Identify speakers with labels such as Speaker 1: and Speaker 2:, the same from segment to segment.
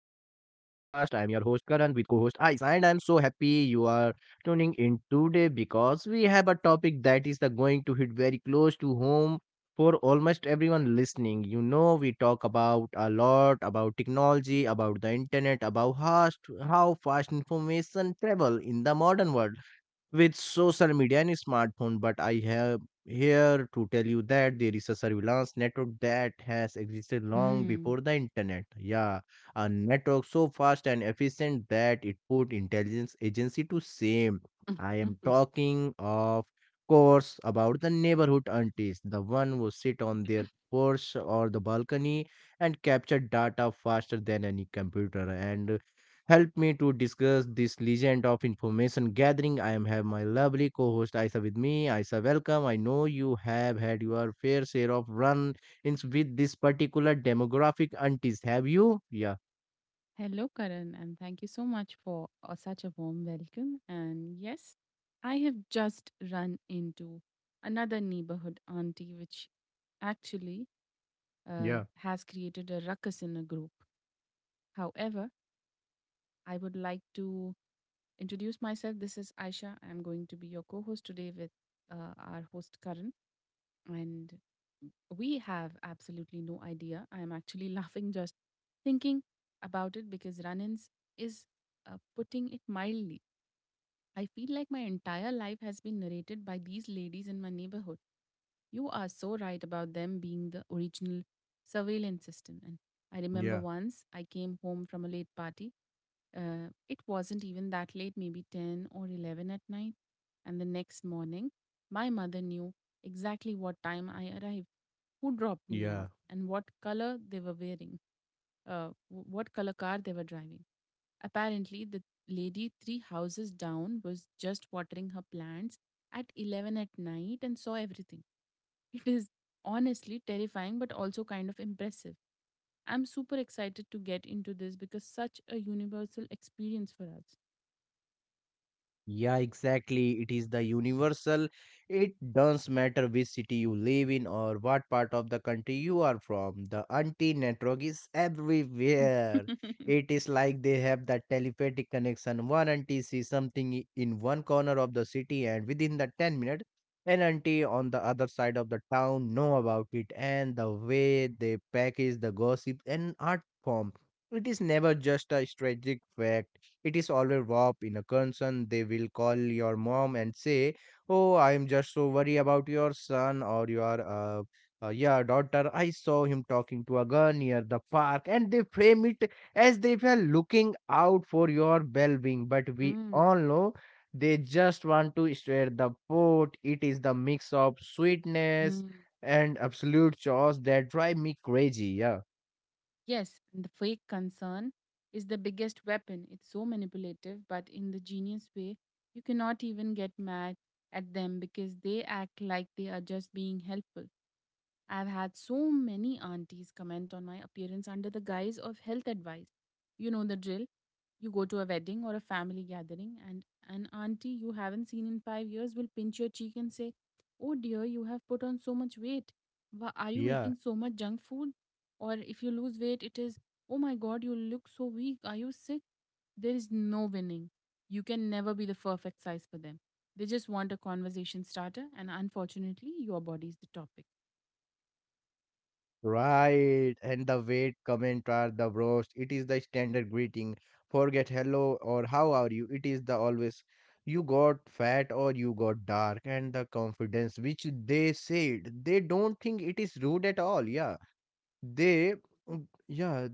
Speaker 1: am your host Karan with co-host Aisa, and I am so happy you are tuning in today because we have a topic that is the going to hit very close to home for almost everyone listening. You know, we talk about a lot about technology, about the internet, about how fast information travel in the modern world with social media and smartphone, but I have here to tell you that there is a surveillance network that has existed long
Speaker 2: Mm.
Speaker 1: before the internet. Yeah, a network so fast and efficient that it put intelligence agency to shame. I am talking, of course, about the neighborhood aunties, the one who sit on their porch or the balcony and capture data faster than any computer. And help me to discuss this legend of information gathering, I am have my lovely co-host Aisa with me. Aisa, welcome. I know you have had your fair share of run-ins with this particular demographic aunties. Have you? Yeah.
Speaker 2: Hello, Karan, and thank you so much for such a warm welcome. And yes, I have just run into another neighborhood auntie, which actually
Speaker 1: Yeah,
Speaker 2: has created a ruckus in a group. However, I would like to introduce myself. This is Aisha. I'm going to be your co host today with our host, Karan. And we have absolutely no idea. I am actually laughing just thinking about it because run ins is putting it mildly. I feel like my entire life has been narrated by these ladies in my neighborhood. You are so right about them being the original surveillance system. And I remember
Speaker 1: yeah,
Speaker 2: once I came home from a late party. It wasn't even that late, maybe 10 or 11 at night. And the next morning, my mother knew exactly what time I arrived, who dropped me
Speaker 1: yeah.
Speaker 2: off, and what color they were wearing, what color car they were driving. Apparently, the lady three houses down was just watering her plants at 11 at night and saw everything. It is honestly terrifying but also kind of impressive. I'm super excited to get into this because such a universal experience for us.
Speaker 1: Yeah, exactly. It is the universal. It does not matter which city you live in or what part of the country you are from. The anti network is everywhere. It is like they have that telepathic connection. One auntie sees something in one corner of the city, and within the 10 minutes, an auntie on the other side of the town know about it. And the way they package the gossip and art form, it is never just a strategic fact, it is always warp in a concern. They will call your mom and say, "Oh, I am just so worried about your son or your yeah, daughter. I saw him talking to a girl near the park," and they frame it as they were looking out for your well-being. But we
Speaker 2: Mm,
Speaker 1: all know. They just want to stir the pot. It is the mix of sweetness
Speaker 2: mm.
Speaker 1: and absolute chaos that drive me crazy. Yeah.
Speaker 2: Yes, and the fake concern is the biggest weapon. It's so manipulative, but in the genius way, you cannot even get mad at them because they act like they are just being helpful. I've had so many aunties comment on my appearance under the guise of health advice. You know the drill. You go to a wedding or a family gathering, and an auntie you haven't seen in five years will pinch your cheek and say, "Oh dear, you have put on so much weight. Why are you
Speaker 1: Yeah.
Speaker 2: eating so much junk food?" Or if you lose weight, it is, "Oh my god, you look so weak. Are you sick?" There is no winning. You can never be the perfect size for them. They just want a conversation starter, and unfortunately, your body is the topic.
Speaker 1: Right, and the wait comment are the bros. It is the standard greeting. Forget hello or how are you. It is the always you got fat or you got dark, and the confidence which they said, they don't think it is rude at all. Yeah. They, yeah,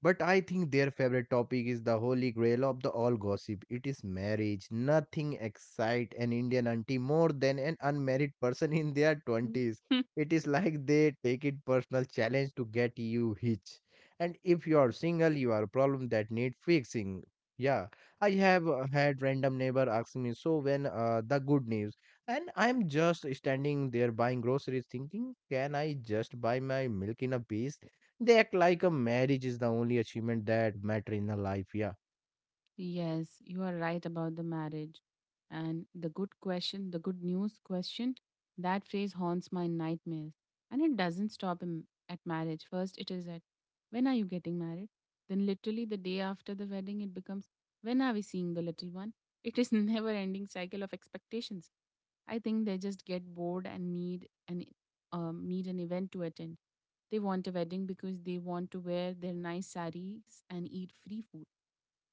Speaker 1: but I think their favorite topic is the holy grail of the all gossip. It is marriage. Nothing excite an Indian auntie more than an unmarried person in their
Speaker 2: Mhm.
Speaker 1: 20s. It is like they take it personal challenge to get you hitch. And if you are single, you are a problem that need fixing. Yeah, I have had random neighbor asking me, so when the good news? And I'm just standing there buying groceries thinking, can I just buy my milk in a piece? They act like a marriage is the only achievement that matter in a life. Yeah.
Speaker 2: Yes, you are right about the marriage. And the good question, the good news question, that phrase haunts my nightmares. And it doesn't stop in, at marriage. First, it is at when are you getting married? Then, literally, the day after the wedding, it becomes when are we seeing the little one? It is never ending cycle of expectations. I think they just get bored and need an event to attend. They want a wedding because they want to wear their nice saris and eat free food.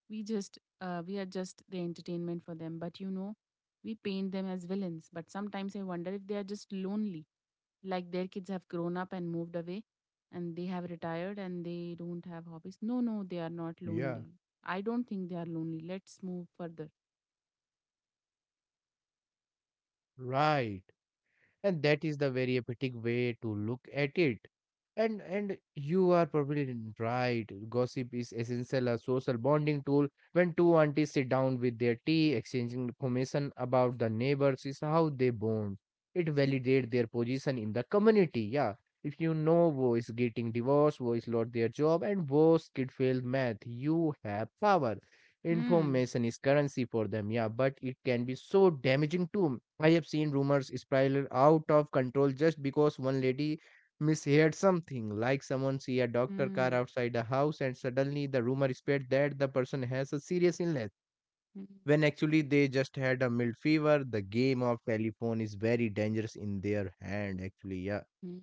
Speaker 2: We just we are just the entertainment for them, but you know, we paint them as villains, but sometimes I wonder if they are just lonely, like their kids have grown up and moved away and they have retired and they don't have hobbies. No, no, they are not
Speaker 1: Yeah,
Speaker 2: lonely. I don't think they are lonely. Let's move further.
Speaker 1: right. And that is the very epitic way to look at it, and you are probably right. Gossip is essential a social bonding tool. When two aunties sit down with their tea exchanging information about the neighbors is how they bond. It validates their position in the community. Yeah, if you know who is getting divorced, who is lost their job, and whose kid failed math, you have power.
Speaker 2: Hmm.
Speaker 1: Information is currency for them, yeah, but it can be so damaging too. I have seen rumors spiral out of control just because one lady misheard something, like someone see a doctor car
Speaker 2: Hmm.
Speaker 1: outside the house and suddenly the rumor spread that the person has a serious illness,
Speaker 2: Hmm.
Speaker 1: when actually they just had a mild fever. The game of telephone is very dangerous in their hand, actually, yeah.
Speaker 2: Hmm.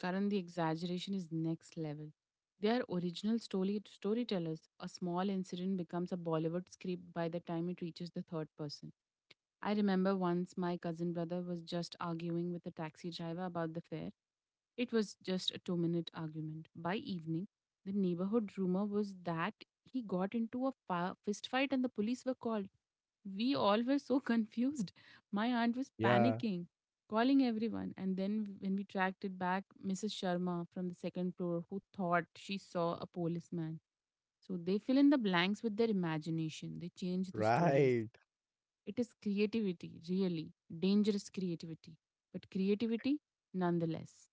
Speaker 2: Karan, the exaggeration is next level. They are original story storytellers. A small incident becomes a Bollywood script by the time it reaches the third person. I remember once my cousin brother was just arguing with a taxi driver about the fare. It was just a 2 minute argument. By evening, the neighborhood rumor was that he got into a fist fight and the police were called. We all were so confused. My aunt was
Speaker 1: Yeah,
Speaker 2: panicking, calling everyone. And then, when we tracked it back, Mrs. Sharma from the second floor, who thought she saw a policeman. So they fill in the blanks with their imagination, they change the stories.
Speaker 1: right.
Speaker 2: It is creativity, really. Dangerous creativity, but creativity nonetheless.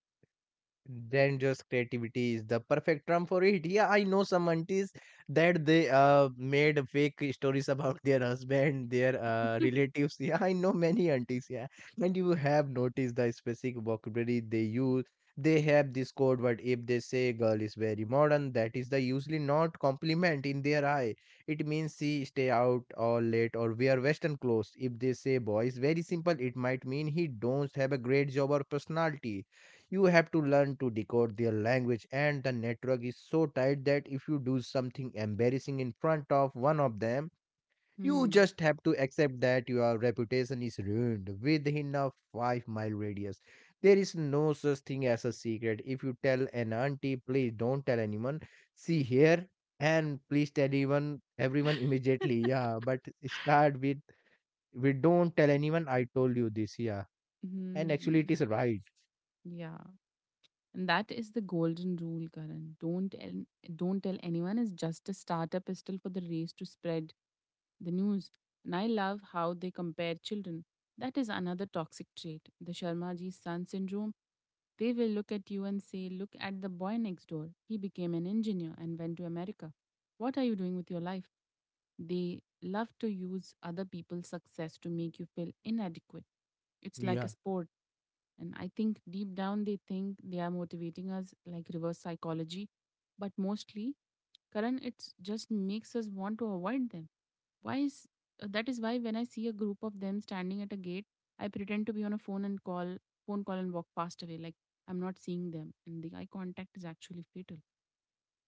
Speaker 1: Then just creativity is the perfect term for it. Yeah, I know some aunties that they made fake stories about their husband, their relatives. Yeah, I know many aunties. Yeah, and you have noticed the specific vocabulary they use. They have this code word. If they say girl is very modern, that is the usually not compliment in their eye. It means she stay out all late or wear western clothes. If they say boy is very simple, it might mean he don't have a great job or personality. You have to learn to decode their language, and the network is so tight that if you do something embarrassing in front of one of them, you
Speaker 2: Hmm.
Speaker 1: just have to accept that your reputation is ruined within a 5-mile radius. There is no such thing as a secret. If you tell an auntie, "Please don't tell anyone," see here, and please tell even everyone immediately. Yeah, but start with, "We don't tell anyone, I told you this." Yeah, and actually it
Speaker 2: Hmm.
Speaker 1: is right.
Speaker 2: Yeah. And that is the golden rule, Karan. Don't tell anyone is just a starter pistol for the race to spread the news. And I love how they compare children. That is another toxic trait, the Sharmaji son syndrome. They will look at you and say, "Look at the boy next door. He became an engineer and went to America. What are you doing with your life?" They love to use other people's success to make you feel inadequate. It's like a
Speaker 1: Yeah.
Speaker 2: sport. And I think deep down they think they are motivating us like reverse psychology. But mostly, Karan, it just makes us want to avoid them. Why is That is why when I see a group of them standing at a gate, I pretend to be on a phone and call phone call and walk past away like I'm not seeing them. And the eye contact is actually fatal.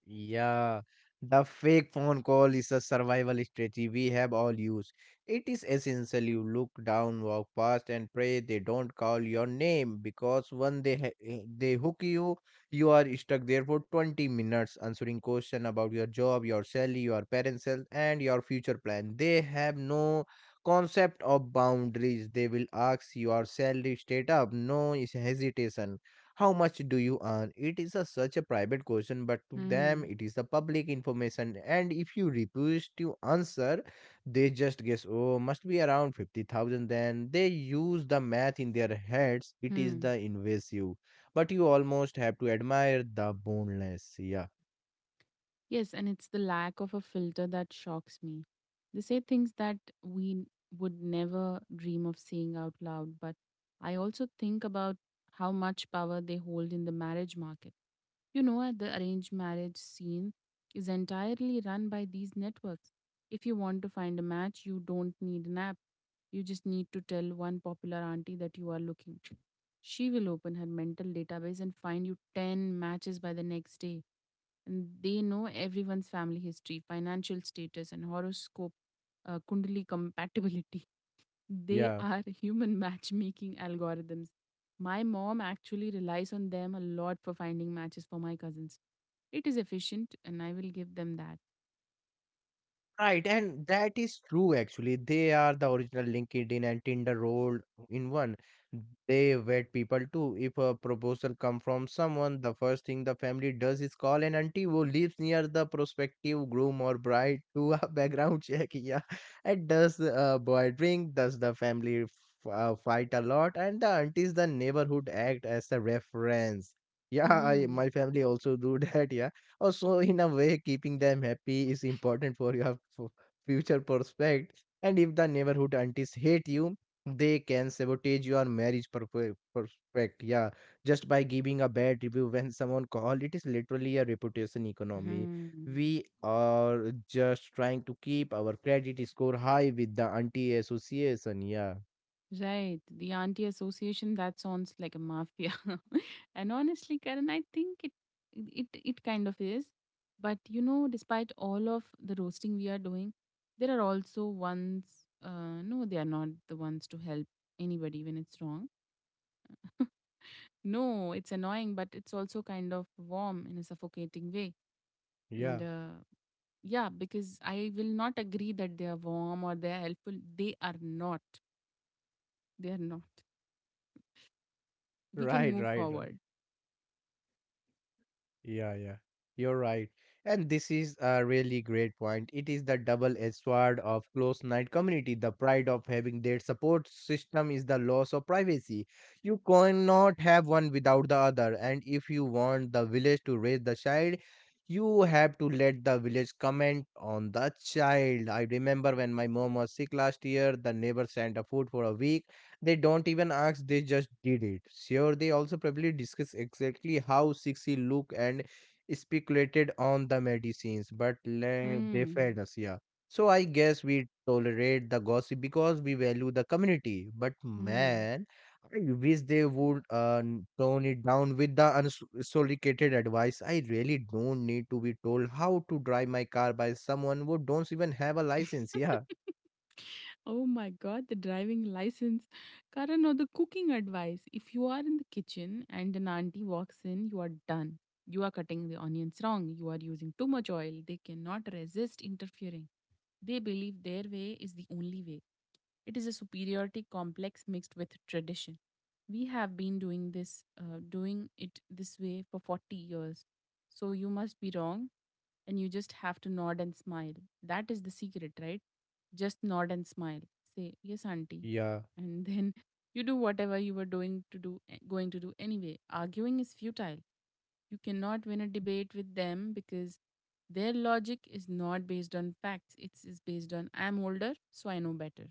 Speaker 1: Yeah, the fake phone call is a survival strategy we have all used. It is essential you look down, walk past, and pray they don't call your name, because when they they hook you, you are stuck there for 20 minutes answering question about your job, your salary, your parents' health, and your future plan. They have no concept of boundaries. They will ask your salary straight up, no hesitation. How much do you earn? It is a, such a private question, but to them
Speaker 2: Hmm.
Speaker 1: it is the public information. And if you refuse to answer, they just guess, oh, must be around 50,000. Then they use the math in their heads. It is
Speaker 2: Hmm.
Speaker 1: the invasive. But you almost have to admire the boneless. Yeah.
Speaker 2: Yes, and it's the lack of a filter that shocks me. They say things that would never dream of saying out loud, but I also think about how much power they hold in the marriage market. You know, at the arranged marriage scene is entirely run by these networks. If you want to find a match, you don't need an app. You just need to tell one popular auntie that you are looking. She will open her mental database and find you 10 matches by the next day, and they know everyone's family history, financial status, and horoscope, kundali compatibility. They
Speaker 1: Yeah.
Speaker 2: are human matchmaking algorithms. My mom actually relies on them a lot for finding matches for my cousins. It is efficient, and I will give them that.
Speaker 1: Right, and that is true actually. They are the original LinkedIn and Tinder rolled in one. They vet people too. If a proposal come from someone, the first thing the family does is call an auntie who lives near the prospective groom or bride to a background check. Yeah, and does the boy drink? Does the family fight a lot? And the aunties, the neighborhood act as the reference. Yeah, I,
Speaker 2: Hmm.
Speaker 1: my family also do that. Yeah. Also, in a way, keeping them happy is important for your future prospect. And if the neighborhood aunties hate you, they can sabotage your marriage prospect. Yeah, just by giving a bad review when someone called, it is literally a reputation economy.
Speaker 2: Hmm.
Speaker 1: We are just trying to keep our credit score high with the auntie association. Yeah,
Speaker 2: Right. The auntie association, that sounds like a mafia. And honestly, Karen, I think it kind of is. But you know, despite all of the roasting we are doing, there are also ones no, they are not the ones to help anybody when it's wrong. No, it's annoying, but it's also kind of warm in a suffocating way.
Speaker 1: yeah,
Speaker 2: And yeah, because I will not agree that they are warm or they are helpful. They are not. They are not. We can
Speaker 1: right,
Speaker 2: move
Speaker 1: right, right.
Speaker 2: forward.
Speaker 1: Yeah, yeah. You're right. And this is a really great point. It is the double-edged sword of close knit community. The pride of having their support system is the loss of privacy. You cannot have one without the other. And if you want the village to raise the child, you have to let the village comment on the child. I remember when my mom was sick last year, the neighbor sent a food for a week. They don't even ask, they just did it. Sure, they also probably discuss exactly how sexy look and speculated on the medicines, but they
Speaker 2: Mm,
Speaker 1: fed us, yeah. So I guess we tolerate the gossip because we value the community. But
Speaker 2: mm.
Speaker 1: man, I wish they would tone it down with the unsolicited advice. I really don't need to be told how to drive my car by someone who don't even have a license. Yeah.
Speaker 2: Oh my God, the driving license. Karan, or the cooking advice. If you are in the kitchen and an auntie walks in, you are done. You are cutting the onions wrong. You are using too much oil. They cannot resist interfering. They believe their way is the only way. It is a superiority complex mixed with tradition. We have been doing this, doing it this way for 40 years. So you must be wrong and you just have to nod and smile. That is the secret, right? Just nod and smile. Say, yes, auntie.
Speaker 1: Yeah.
Speaker 2: And then you do whatever you were doing to do, eh, going to do anyway. Arguing is futile. You cannot win a debate with them because their logic is not based on facts. It's, is based on I'm older, so I know better.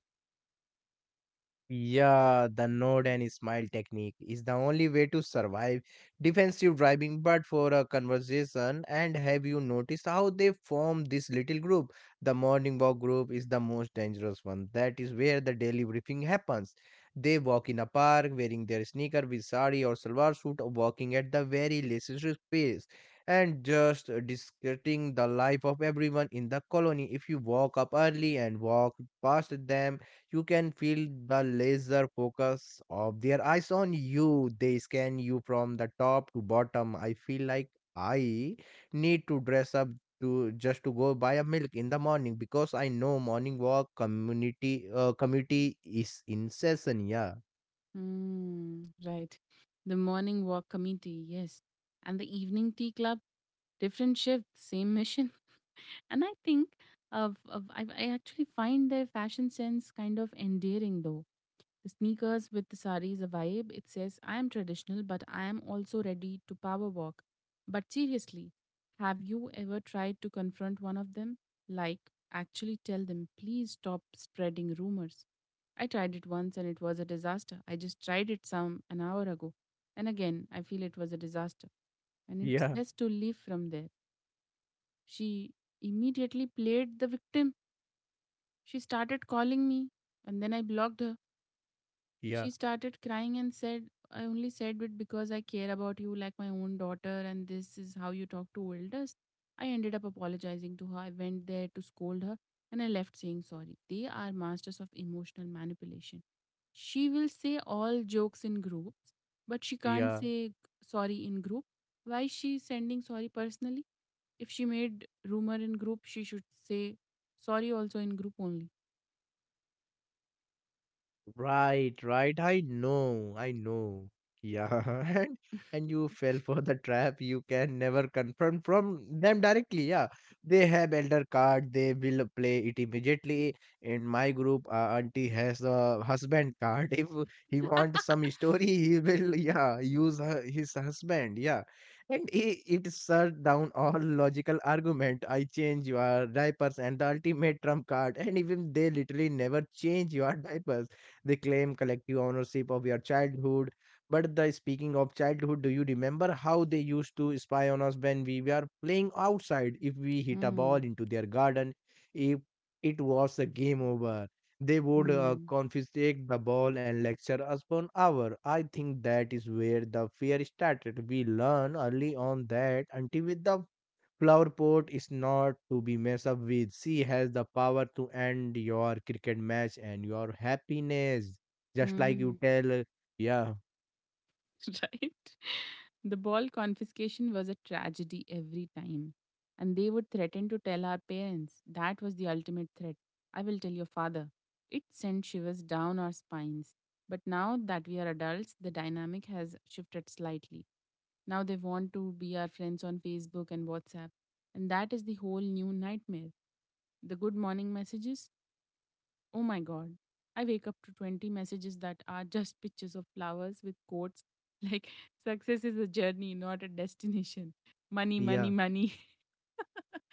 Speaker 1: Yeah, the nod and smile technique is the only way to survive defensive driving. But for a conversation, and have you noticed how they form this little group? The morning walk group is the most dangerous one. That is where the daily briefing happens. They walk in a park wearing their sneaker with sari or salwar suit, or walking at the very leisure pace, and just discussing the life of everyone in the colony. If you walk up early and walk past them, you can feel the laser focus of their eyes on you. They scan you from the top to bottom. I feel like I need to dress up to just to go buy a milk in the morning because I know morning walk community is in session. Yeah,
Speaker 2: Mm, right. The morning walk committee, yes. And the evening tea club, different shifts, same mission. And I think I actually find their fashion sense kind of endearing though. The sneakers with the sari is a vibe. It says, I am traditional, but I am also ready to power walk. But seriously, have you ever tried to confront one of them? Like, actually tell them, please stop spreading rumors. I tried it once and it was a disaster. I just tried it some an hour ago. And again, I feel it was a disaster. And it's
Speaker 1: yeah,
Speaker 2: best to leave from there. She immediately played the victim. She started calling me and then I blocked her.
Speaker 1: yeah,
Speaker 2: She started crying and said, "I only said it because I care about you like my own daughter, and this is how you talk to elders." I ended up apologizing to her. I went there to scold her and I left saying sorry. They are masters of emotional manipulation. She will say all jokes in groups, but she can't
Speaker 1: yeah.
Speaker 2: say sorry in group. Why is she sending sorry personally? If she made rumor in group, she should say sorry also in group only.
Speaker 1: Right, right. I know, I know. Yeah, and you fell for the trap. You can never confirm from them directly. Yeah, they have elder card. They will play it immediately. In my group, auntie has the husband card. If he wants some story, he will yeah use her, his husband. Yeah, and he, it shut down all logical argument. I change your diapers and the ultimate trump card. And even they literally never change your diapers, they claim collective ownership of your childhood. But the speaking of childhood, do you remember how they used to spy on us when we were playing outside? If we hit a ball
Speaker 2: Mm,
Speaker 1: into their garden, if it was a game over, they would
Speaker 2: mm,
Speaker 1: confiscate the ball and lecture us for an hour. I think that is where the fear started. We learn early on that until with the flower pot is not to be messed up with. She has the power to end your cricket match and your happiness. Just like you
Speaker 2: mm,
Speaker 1: tell, yeah,
Speaker 2: right? The ball confiscation was a tragedy every time. And they would threaten to tell our parents. That was the ultimate threat. I will tell your father. It sent shivers down our spines. But now that we are adults, the dynamic has shifted slightly. Now they want to be our friends on Facebook and WhatsApp. And that is the whole new nightmare. The good morning messages, oh my god. I wake up to 20 messages that are just pictures of flowers with quotes like success is a journey, not a destination. Money, money,
Speaker 1: yeah,
Speaker 2: money.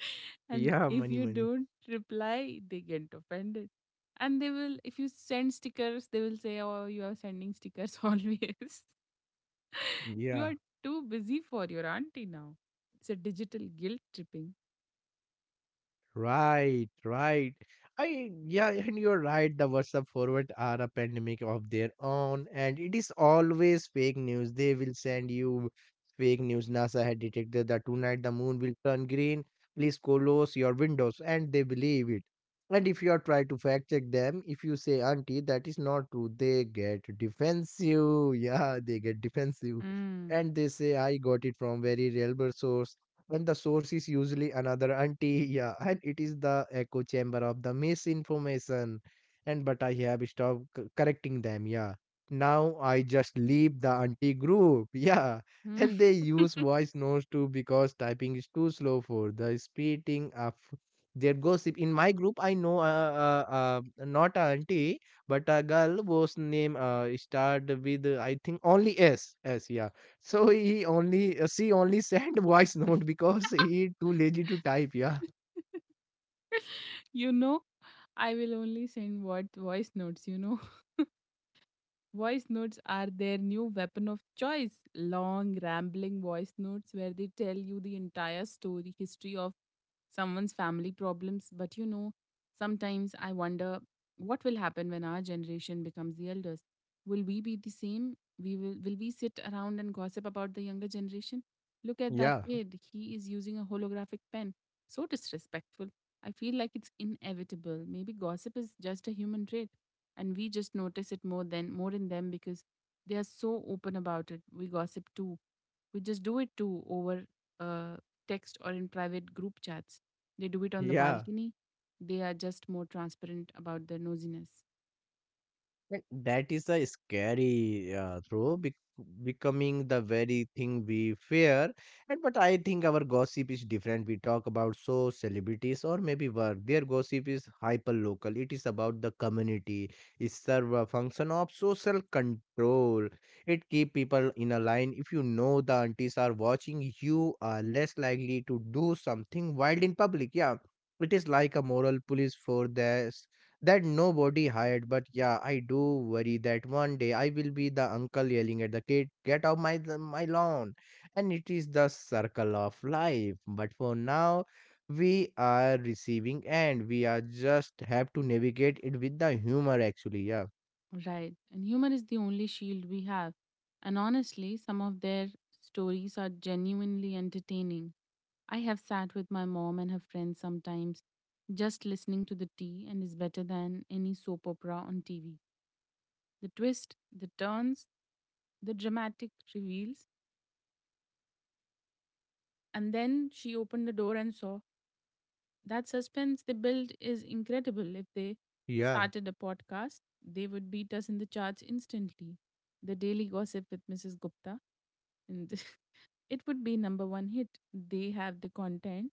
Speaker 2: And
Speaker 1: yeah,
Speaker 2: if
Speaker 1: money,
Speaker 2: you
Speaker 1: money,
Speaker 2: don't reply, they get offended. And they will, if you send stickers, they will say, oh, you are sending stickers always. You
Speaker 1: yeah.
Speaker 2: are too busy for your auntie now. It's a digital guilt tripping.
Speaker 1: Right, right. And you're right. The WhatsApp forward are a pandemic of their own, and it is always fake news. They will send you fake news. NASA had detected that tonight the moon will turn green. Please close your windows, and they believe it. And if you are trying to fact check them, if you say, "Auntie, that is not true," they get defensive. Yeah, they get defensive,
Speaker 2: Mm.
Speaker 1: and they say, "I got it from very reliable source." And the source is usually another auntie. Yeah, and it is the echo chamber of the misinformation. And but I have stopped correcting them, yeah. Now I just leave the auntie group. Yeah,
Speaker 2: Mm.
Speaker 1: and they use voice notes too, because typing is too slow for the speeding of their gossip. In my group, I know, not a auntie, but a girl whose name started with I think only s s, yeah. So he only, she only sent voice note because he too lazy to type. Yeah,
Speaker 2: You know, I will only send what voice notes, you know. Voice notes are their new weapon of choice. Long, rambling voice notes where they tell you the entire story, history of someone's family problems. But sometimes I wonder what will happen when our generation becomes the elders. Will we be the same? We Will we sit around and gossip about the younger generation? Look at that
Speaker 1: yeah,
Speaker 2: kid. He is using a holographic pen. So disrespectful. I feel like it's inevitable. Maybe gossip is just a human trait, and we just notice it more than more in them because they are so open about it. We gossip too. We just do it too over uh, text or in private group chats. They do it on the
Speaker 1: yeah.
Speaker 2: balcony. They are just more transparent about their nosiness.
Speaker 1: Like, that is a scary throw, becoming the very thing we fear. And but I think our gossip is different. We talk about so celebrities or maybe work. Their gossip is hyper local. It is about the community. It serve a function of social control. It keep people in a line. If you know the aunties are watching, you are less likely to do something wild in public. Yeah. It is like a moral police for that nobody hired, but yeah, I do worry that one day I will be the uncle yelling at the kid, "Get out my my lawn," and it is the circle of life. But for now, we are receiving and we are just have to navigate it with the humor, actually, yeah.
Speaker 2: Right. And humor is the only shield we have. And honestly, some of their stories are genuinely entertaining. I have sat with my mom and her friends sometimes. Just listening to the tea and is better than any soap opera on TV. The twist, the turns, the dramatic reveals. And then she opened the door and saw that suspense they built is incredible. If they
Speaker 1: Yeah,
Speaker 2: started a podcast, they would beat us in the charts instantly. The Daily Gossip with Mrs. Gupta, and it would be number one hit. They have the content,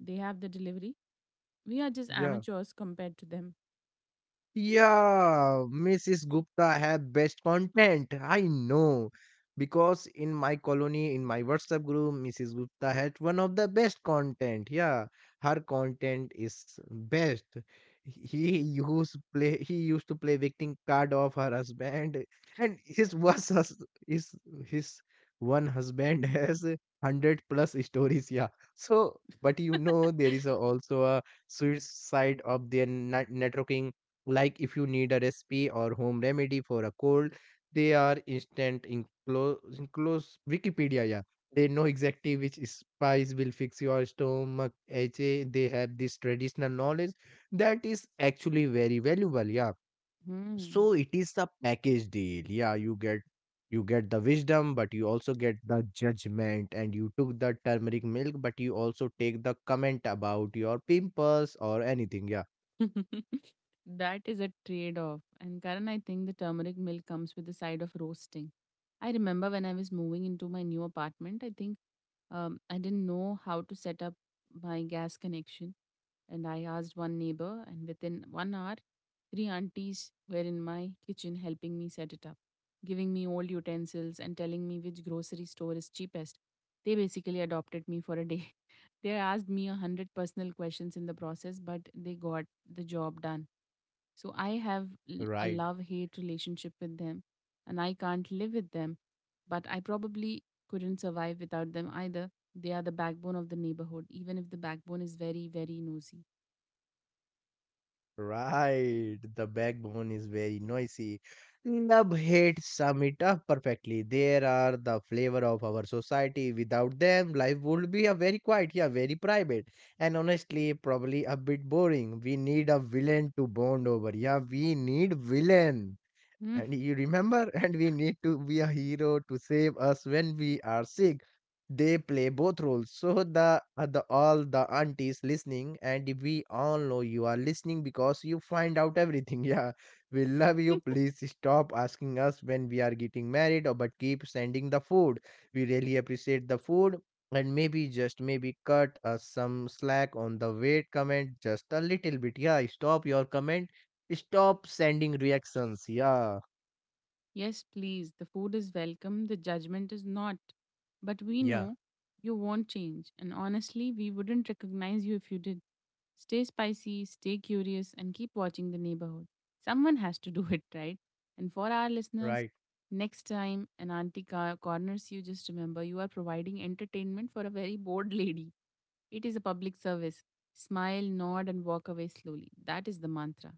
Speaker 2: they have the delivery. We are just
Speaker 1: yeah.
Speaker 2: amateurs compared to them.
Speaker 1: Yeah, Mrs. Gupta have best content, I know. Because in my colony, in my WhatsApp group, Mrs. Gupta had one of the best content. Yeah, her content is best. He used play. He used to play victim card of her husband, and his was hus- his his one husband has 100+ stories. Yeah. So, but you know, there is a, also a suicide of their networking. Like, if you need a recipe or home remedy for a cold, they are instant in close, in close wikipedia, yeah. They know exactly which spice will fix your stomach, HA. They have this traditional knowledge that is actually very valuable, yeah.
Speaker 2: Hmm.
Speaker 1: So it is a package deal, yeah. You get, you get the wisdom, but you also get the judgment. And you took the turmeric milk, but you also take the comment about your pimples or anything, yeah,
Speaker 2: That is a trade off. And Karan, I think the turmeric milk comes with the side of roasting. I remember when I was moving into my new apartment, I think I didn't know how to set up my gas connection. And I asked one neighbor, and within 1 hour, three aunties were in my kitchen helping me set it up, giving me old utensils and telling me which grocery store is cheapest. They basically adopted me for a day. They asked me a hundred personal questions in the process, but they got the job done. So I have a
Speaker 1: right.
Speaker 2: love hate relationship with them, and I can't live with them, but I probably couldn't survive without them either. They are the backbone of the neighborhood, even if the backbone is very, very nosy.
Speaker 1: Right, the backbone is very noisy. Love hate sum it up perfectly. There are the flavor of our society. Without them, life would be a very quiet, yeah, very private, and honestly, probably a bit boring. We need a villain to bond over. Yeah, we need villain.
Speaker 2: Mm.
Speaker 1: And you remember, and we need to be a hero to save us when we are sick. They play both roles. So the all the aunties listening, and we all know you are listening because you find out everything. Yeah, we love you. Please stop asking us when we are getting married, or but keep sending the food. We really appreciate the food, and maybe just maybe cut us some slack on the weight comment, just a little bit. Yeah, stop your comment. Stop sending reactions. Yeah.
Speaker 2: Yes, please, the food is welcome, the judgment is not. But we
Speaker 1: Yeah,
Speaker 2: know you won't change, and honestly, we wouldn't recognize you if you did. Stay spicy, stay curious, and keep watching the neighborhood. Someone has to do it, right? And for our listeners,
Speaker 1: right,
Speaker 2: next time an auntie corners you, just remember you are providing entertainment for a very bored lady. It is a public service. Smile, nod, and walk away slowly. That is the mantra.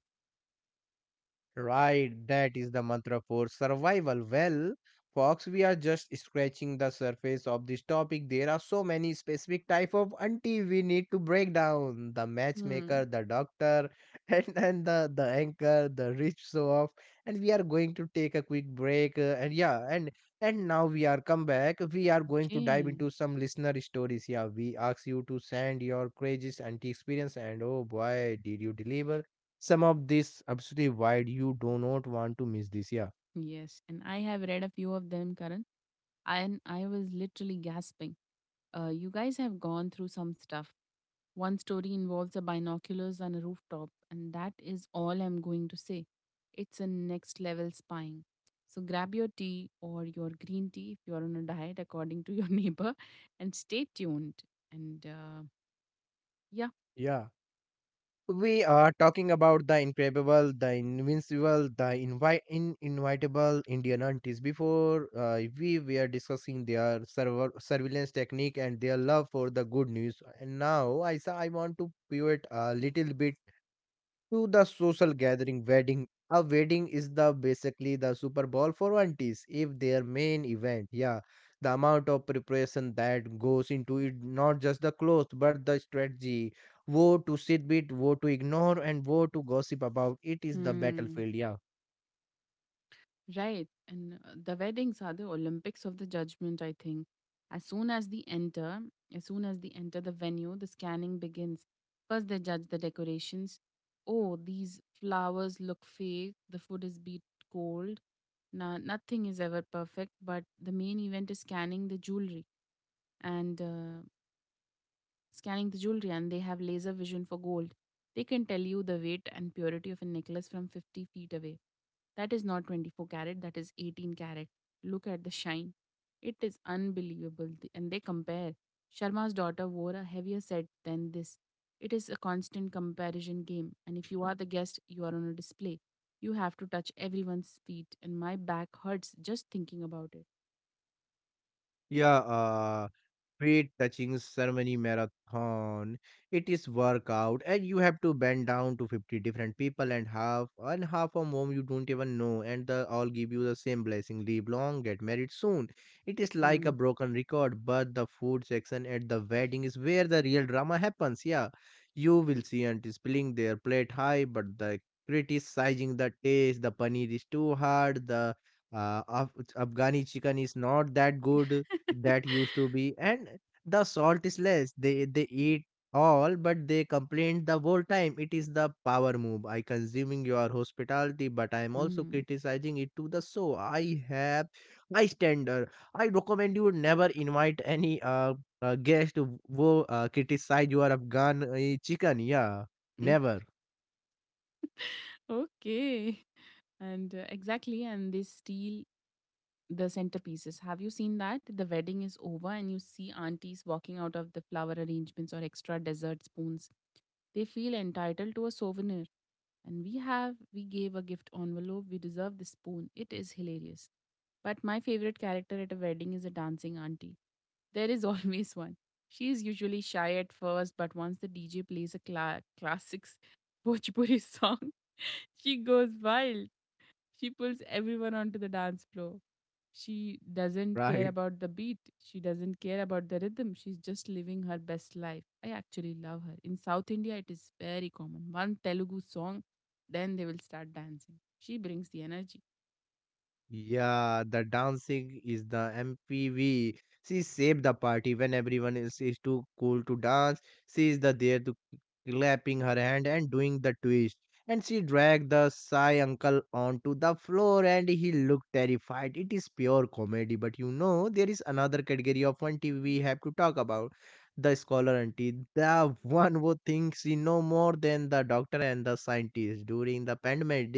Speaker 1: right. That is the mantra for survival. Well, Fox, we are just scratching the surface of this topic. There are so many specific type of auntie we need to break down. The matchmaker,
Speaker 2: Hmm.
Speaker 1: the doctor, and then the anchor, the rich show off. And we are going to take a quick break, and yeah, and now we are come back. We are going to dive
Speaker 2: Okay.
Speaker 1: into some listener stories. Yeah, we ask you to send your craziest auntie experience, and oh boy, did you deliver! Some of this absolutely wide, you do not want to miss this, yeah.
Speaker 2: Yes. And I have read a few of them, Karan. And I was literally gasping. You guys have gone through some stuff. One story involves a binoculars and a rooftop, and that is all I'm going to say. It's a next level spying. So grab your tea or your green tea if you're on a diet according to your neighbor, and stay tuned. And yeah.
Speaker 1: Yeah. We are talking about the improbable, the invincible, the invitable indian aunties. Before, we were discussing their server surveillance technique and their love for the good news, and now I want to pivot a little bit to the social gathering wedding. A wedding is the basically the Super Bowl for aunties, if their main event, yeah. The amount of preparation that goes into it, not just the clothes but the strategy, what to sit with, what to ignore and what to gossip about, it is the
Speaker 2: Hmm.
Speaker 1: battlefield, yeah.
Speaker 2: Right. And the weddings are the Olympics of the judgment, I think. As soon as they enter, as soon as they enter the venue, the scanning begins. First, they judge the decorations. Oh, these flowers look fake. The food is beat cold. Now, nothing is ever perfect, but the main event is scanning the jewelry. And scanning the jewelry, and they have laser vision for gold. They can tell you the weight and purity of a necklace from 50 feet away. That is not 24 carat, that is 18 carat. Look at the shine. It is unbelievable. And they compare. Sharma's daughter wore a heavier set than this. It is a constant comparison game. And if you are the guest, you are on a display. You have to touch everyone's feet, and my back hurts just thinking about it.
Speaker 1: Yeah, weight touching ceremony marathon. It is workout, and you have to bend down to 50 different people, and half of whom you don't even know, and they all give you the same blessing: live long, get married soon. It is like a
Speaker 2: Mm.
Speaker 1: broken record, but the food section at the wedding is where the real drama happens. Yeah, you will see aunties pulling their plate high, but the criticizing the taste. The paneer is too hard. The Afghani chicken is not that good that used to be. And the salt is less, they eat all but they complained the whole time. It is the power move. I consuming your hospitality, but I am also
Speaker 2: Mm.
Speaker 1: criticizing it. To the so I have, I standard. I recommend you never invite any guest who criticize your afghan chicken, yeah.
Speaker 2: Mm.
Speaker 1: Never.
Speaker 2: Okay. And exactly, and they steal the centerpieces. Have you seen that? The wedding is over, and you see aunties walking out of the flower arrangements or extra dessert spoons. They feel entitled to a souvenir. We gave a gift envelope, we deserve the spoon. It is hilarious. But my favorite character at a wedding is a dancing auntie. There is always one. She is usually shy at first, but once the DJ plays a classics Bhojpuri song, she goes wild. She pulls everyone onto the dance floor. She doesn't care
Speaker 1: Right.
Speaker 2: about the beat. She doesn't care about the rhythm. She's just living her best life. I actually love her. In South India, it is very common. One Telugu song, then they will start dancing. She brings the energy.
Speaker 1: Yeah, the dancing is the MPV. She saved the party when everyone is too cool to dance. She is the there to clapping her hand and doing the twist. And she dragged the shy uncle onto the floor and he looked terrified. It is pure comedy, but you know, there is another category of one TV we have to talk about. The scholar auntie, the one who thinks she know more than the doctor and the scientist. During the pandemic,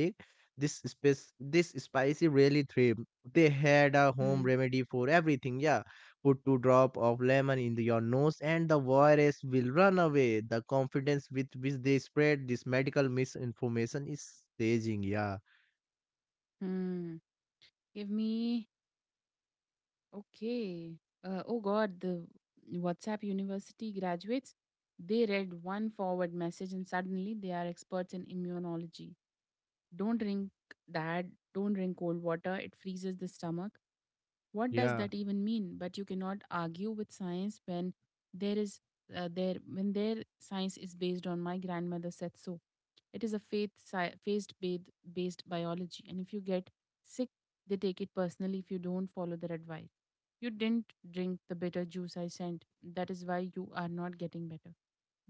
Speaker 1: this spicy really thrived. They had a home
Speaker 2: Hmm.
Speaker 1: remedy for everything. Yeah, put two drop of lemon in your nose, and the virus will run away. The confidence with which they spread this medical misinformation is staging, yeah,
Speaker 2: Hmm. Give me. Okay. Oh God, the WhatsApp University graduates. They read one forward message and suddenly they are experts in immunology. Don't drink that, don't drink cold water, it freezes the stomach. What does
Speaker 1: yeah.
Speaker 2: that even mean? But you cannot argue with science when there is there when their science is based on my grandmother said so. It is a faith based based biology, and if you get sick, they take it personally if you don't follow their advice. You didn't drink the bitter juice I sent. That is why you are not getting better.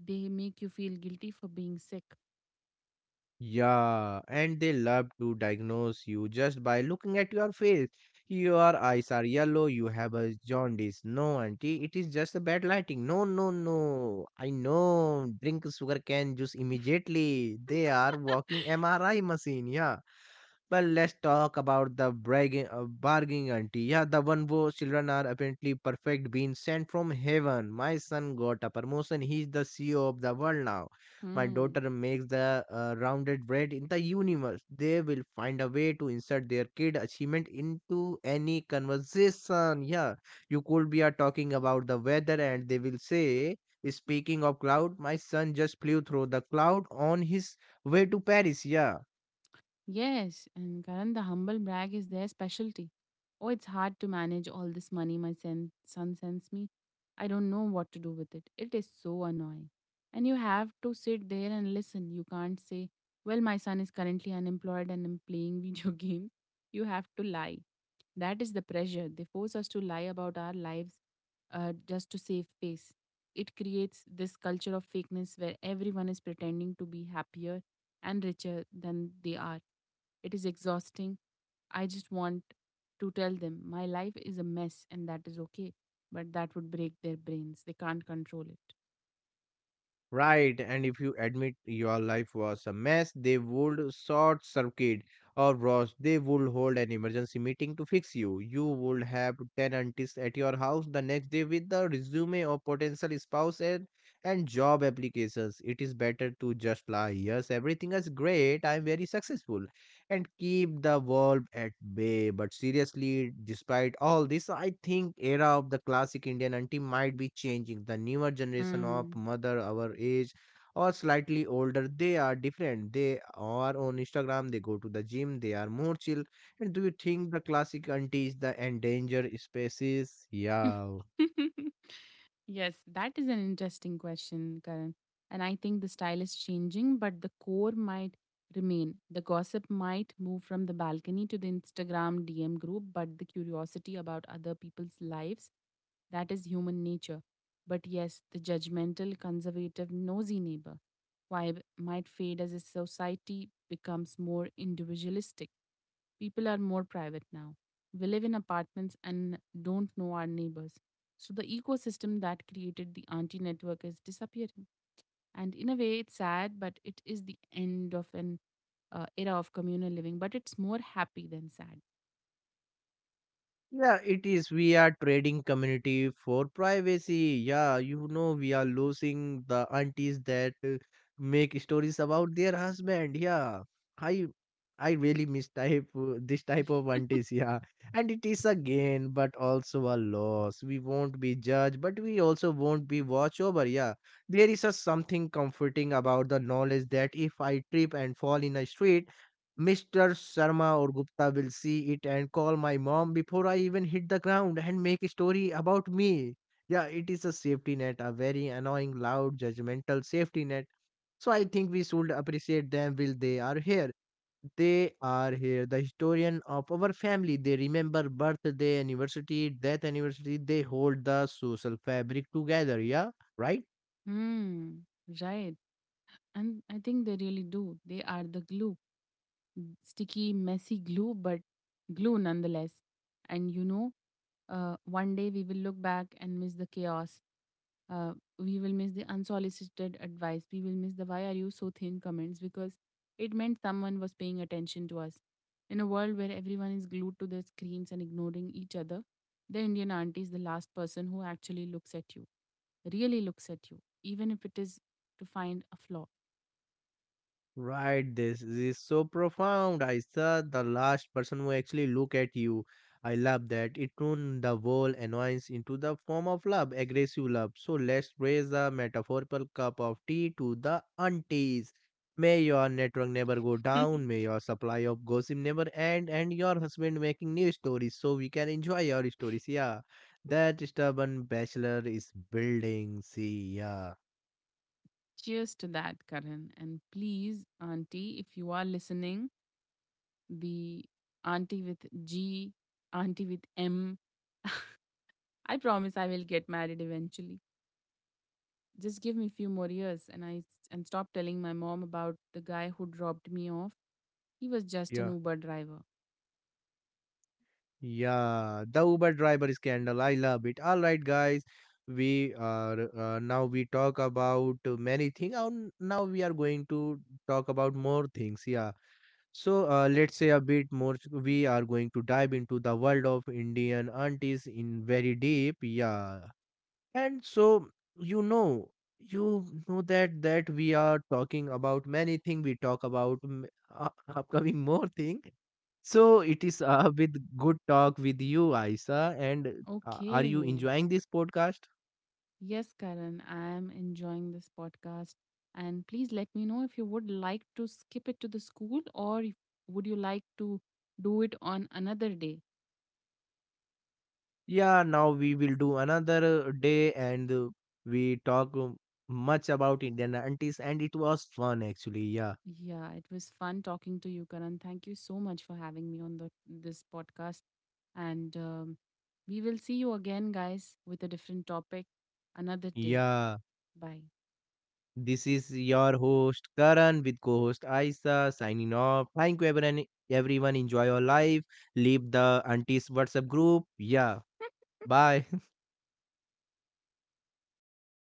Speaker 2: They make you feel guilty for being sick.
Speaker 1: Yeah, and they love to diagnose you just by looking at your face. Your eyes are yellow, you have a jaundice. No, auntie, it is just a bad lighting. No, no, no. I know. Drink sugar cane juice immediately. They are walking MRI machine, yeah. But let's talk about the bargaining auntie. Yeah, the one whose children are apparently perfect, being sent from heaven. My son got a promotion. He's the CEO of the world now. My
Speaker 2: Hmm.
Speaker 1: daughter makes the rounded bread in the universe. They will find a way to insert their kid achievement into any conversation. Yeah, you could be talking about the weather, and they will say, "Speaking of cloud, my son just flew through the cloud on his way to Paris." Yeah.
Speaker 2: Yes, and Karan, the humble brag is their specialty. Oh, it's hard to manage all this money my son sends me. I don't know what to do with it. It is so annoying. And you have to sit there and listen. You can't say, well, my son is currently unemployed and I'm playing video games. You have to lie. That is the pressure. They force us to lie about our lives just to save face. It creates this culture of fakeness where everyone is pretending to be happier and richer than they are. It is exhausting. I just want to tell them my life is a mess and that is okay. But that would break their brains. They can't control
Speaker 1: Right, and if you admit your life was a mess, they would short circuit or rush. They would hold an emergency meeting to fix you. You would have 10 aunties at your house the next day with the resume of potential spouse, and job applications. It is better to just lie. Yes, everything is great. I am very successful and keep the wolf at bay. But seriously, despite all this, I think era of the classic Indian auntie might be changing. The newer
Speaker 2: it.
Speaker 1: generation of
Speaker 2: Mm.
Speaker 1: mother our age or slightly older, they are different. They are on Instagram, they go to the gym, they are more chill. And do you think the classic auntie is the endangered species? Yeah.
Speaker 2: Yes, that is an interesting question, Karan. And I think the style is changing, but the core might remain. The gossip might move from the balcony to the Instagram DM group, but the curiosity about other people's lives, that is human nature. But yes, the judgmental, conservative, nosy neighbor vibe might fade as a society becomes more individualistic. People are more private now. We live in apartments and don't know our neighbors. So the ecosystem that created the auntie network is disappearing. And in a way, it's sad, but it is the end of an era of communal living, but it's more happy than sad.
Speaker 1: Yeah, it is. We are trading community for privacy. Yeah, you know, we are losing the aunties that make stories about their husband. Yeah, I I really miss type this type of aunties. Yeah, and it is a gain, but also a loss. We won't be judged, but we also won't be watched over. Yeah, there is a something comforting about the knowledge that if I trip and fall in a street, Mr. Sharma or Gupta will see it and call my mom before I even hit the ground and make a story about me. Yeah, it is a safety net, a very annoying, loud, judgmental safety net. So I think we should appreciate them while they are here. They are here, the historian of our family. They remember birthday, anniversary, death anniversary. They hold the social fabric together. Yeah, right?
Speaker 2: Hmm. Right. And I think they really do. They are the glue. Sticky, messy glue, but glue nonetheless. And one day we will look back and miss the chaos. Uh, we will miss the unsolicited advice. We will miss the why are you so thin comments because it meant someone was paying attention to us. In a world where everyone is glued to their screens and ignoring each other, the Indian auntie is the last person who actually looks at you, really looks at you, even if it is to find a flaw.
Speaker 1: Right, this is so profound. I saw the last person who actually look at you. I love that. It turned the whole annoyance into the form of love, aggressive love. So let's raise the metaphorical cup of tea to the aunties. May your network never go down. May your supply of gossip never end, and your husband making new stories so we can enjoy your stories. Yeah, that stubborn bachelor is building. See, yeah,
Speaker 2: Cheers to that, Karan. And please, Auntie, if you are listening, the Auntie with G, Auntie with M, I promise I will get married eventually. Just give me a few more years, and stop telling my mom about the guy who dropped me off. He was just an
Speaker 1: yeah.
Speaker 2: Uber driver.
Speaker 1: Yeah, the Uber driver scandal. I love it. All right, guys, we are, now we talk about many things. And now we are going to talk about more things. Yeah. So let's say a bit more. We are going to dive into the world of Indian aunties in very deep. Yeah. And so you know, you know that we are talking about many things. We talk about upcoming more thing. So it is with good talk with you, Aisa. And are you
Speaker 2: Okay.
Speaker 1: enjoying this podcast?
Speaker 2: Yes, Karan, I am enjoying this podcast. And please let me know if you would like to skip it to the school, or if, would you like to do it on another day?
Speaker 1: Yeah, now we will do another day, and we talk much about Indian aunties, and it was fun actually. Yeah,
Speaker 2: Yeah, it was fun talking to you, Karan. Thank you so much for having me on the this podcast. And we will see you again, guys, with a different topic another day.
Speaker 1: yeah.
Speaker 2: Bye.
Speaker 1: This is your host Karan with co-host Aisa signing off. Thank you, everyone. Everyone, enjoy your life. Leave the aunties WhatsApp group. Yeah, bye.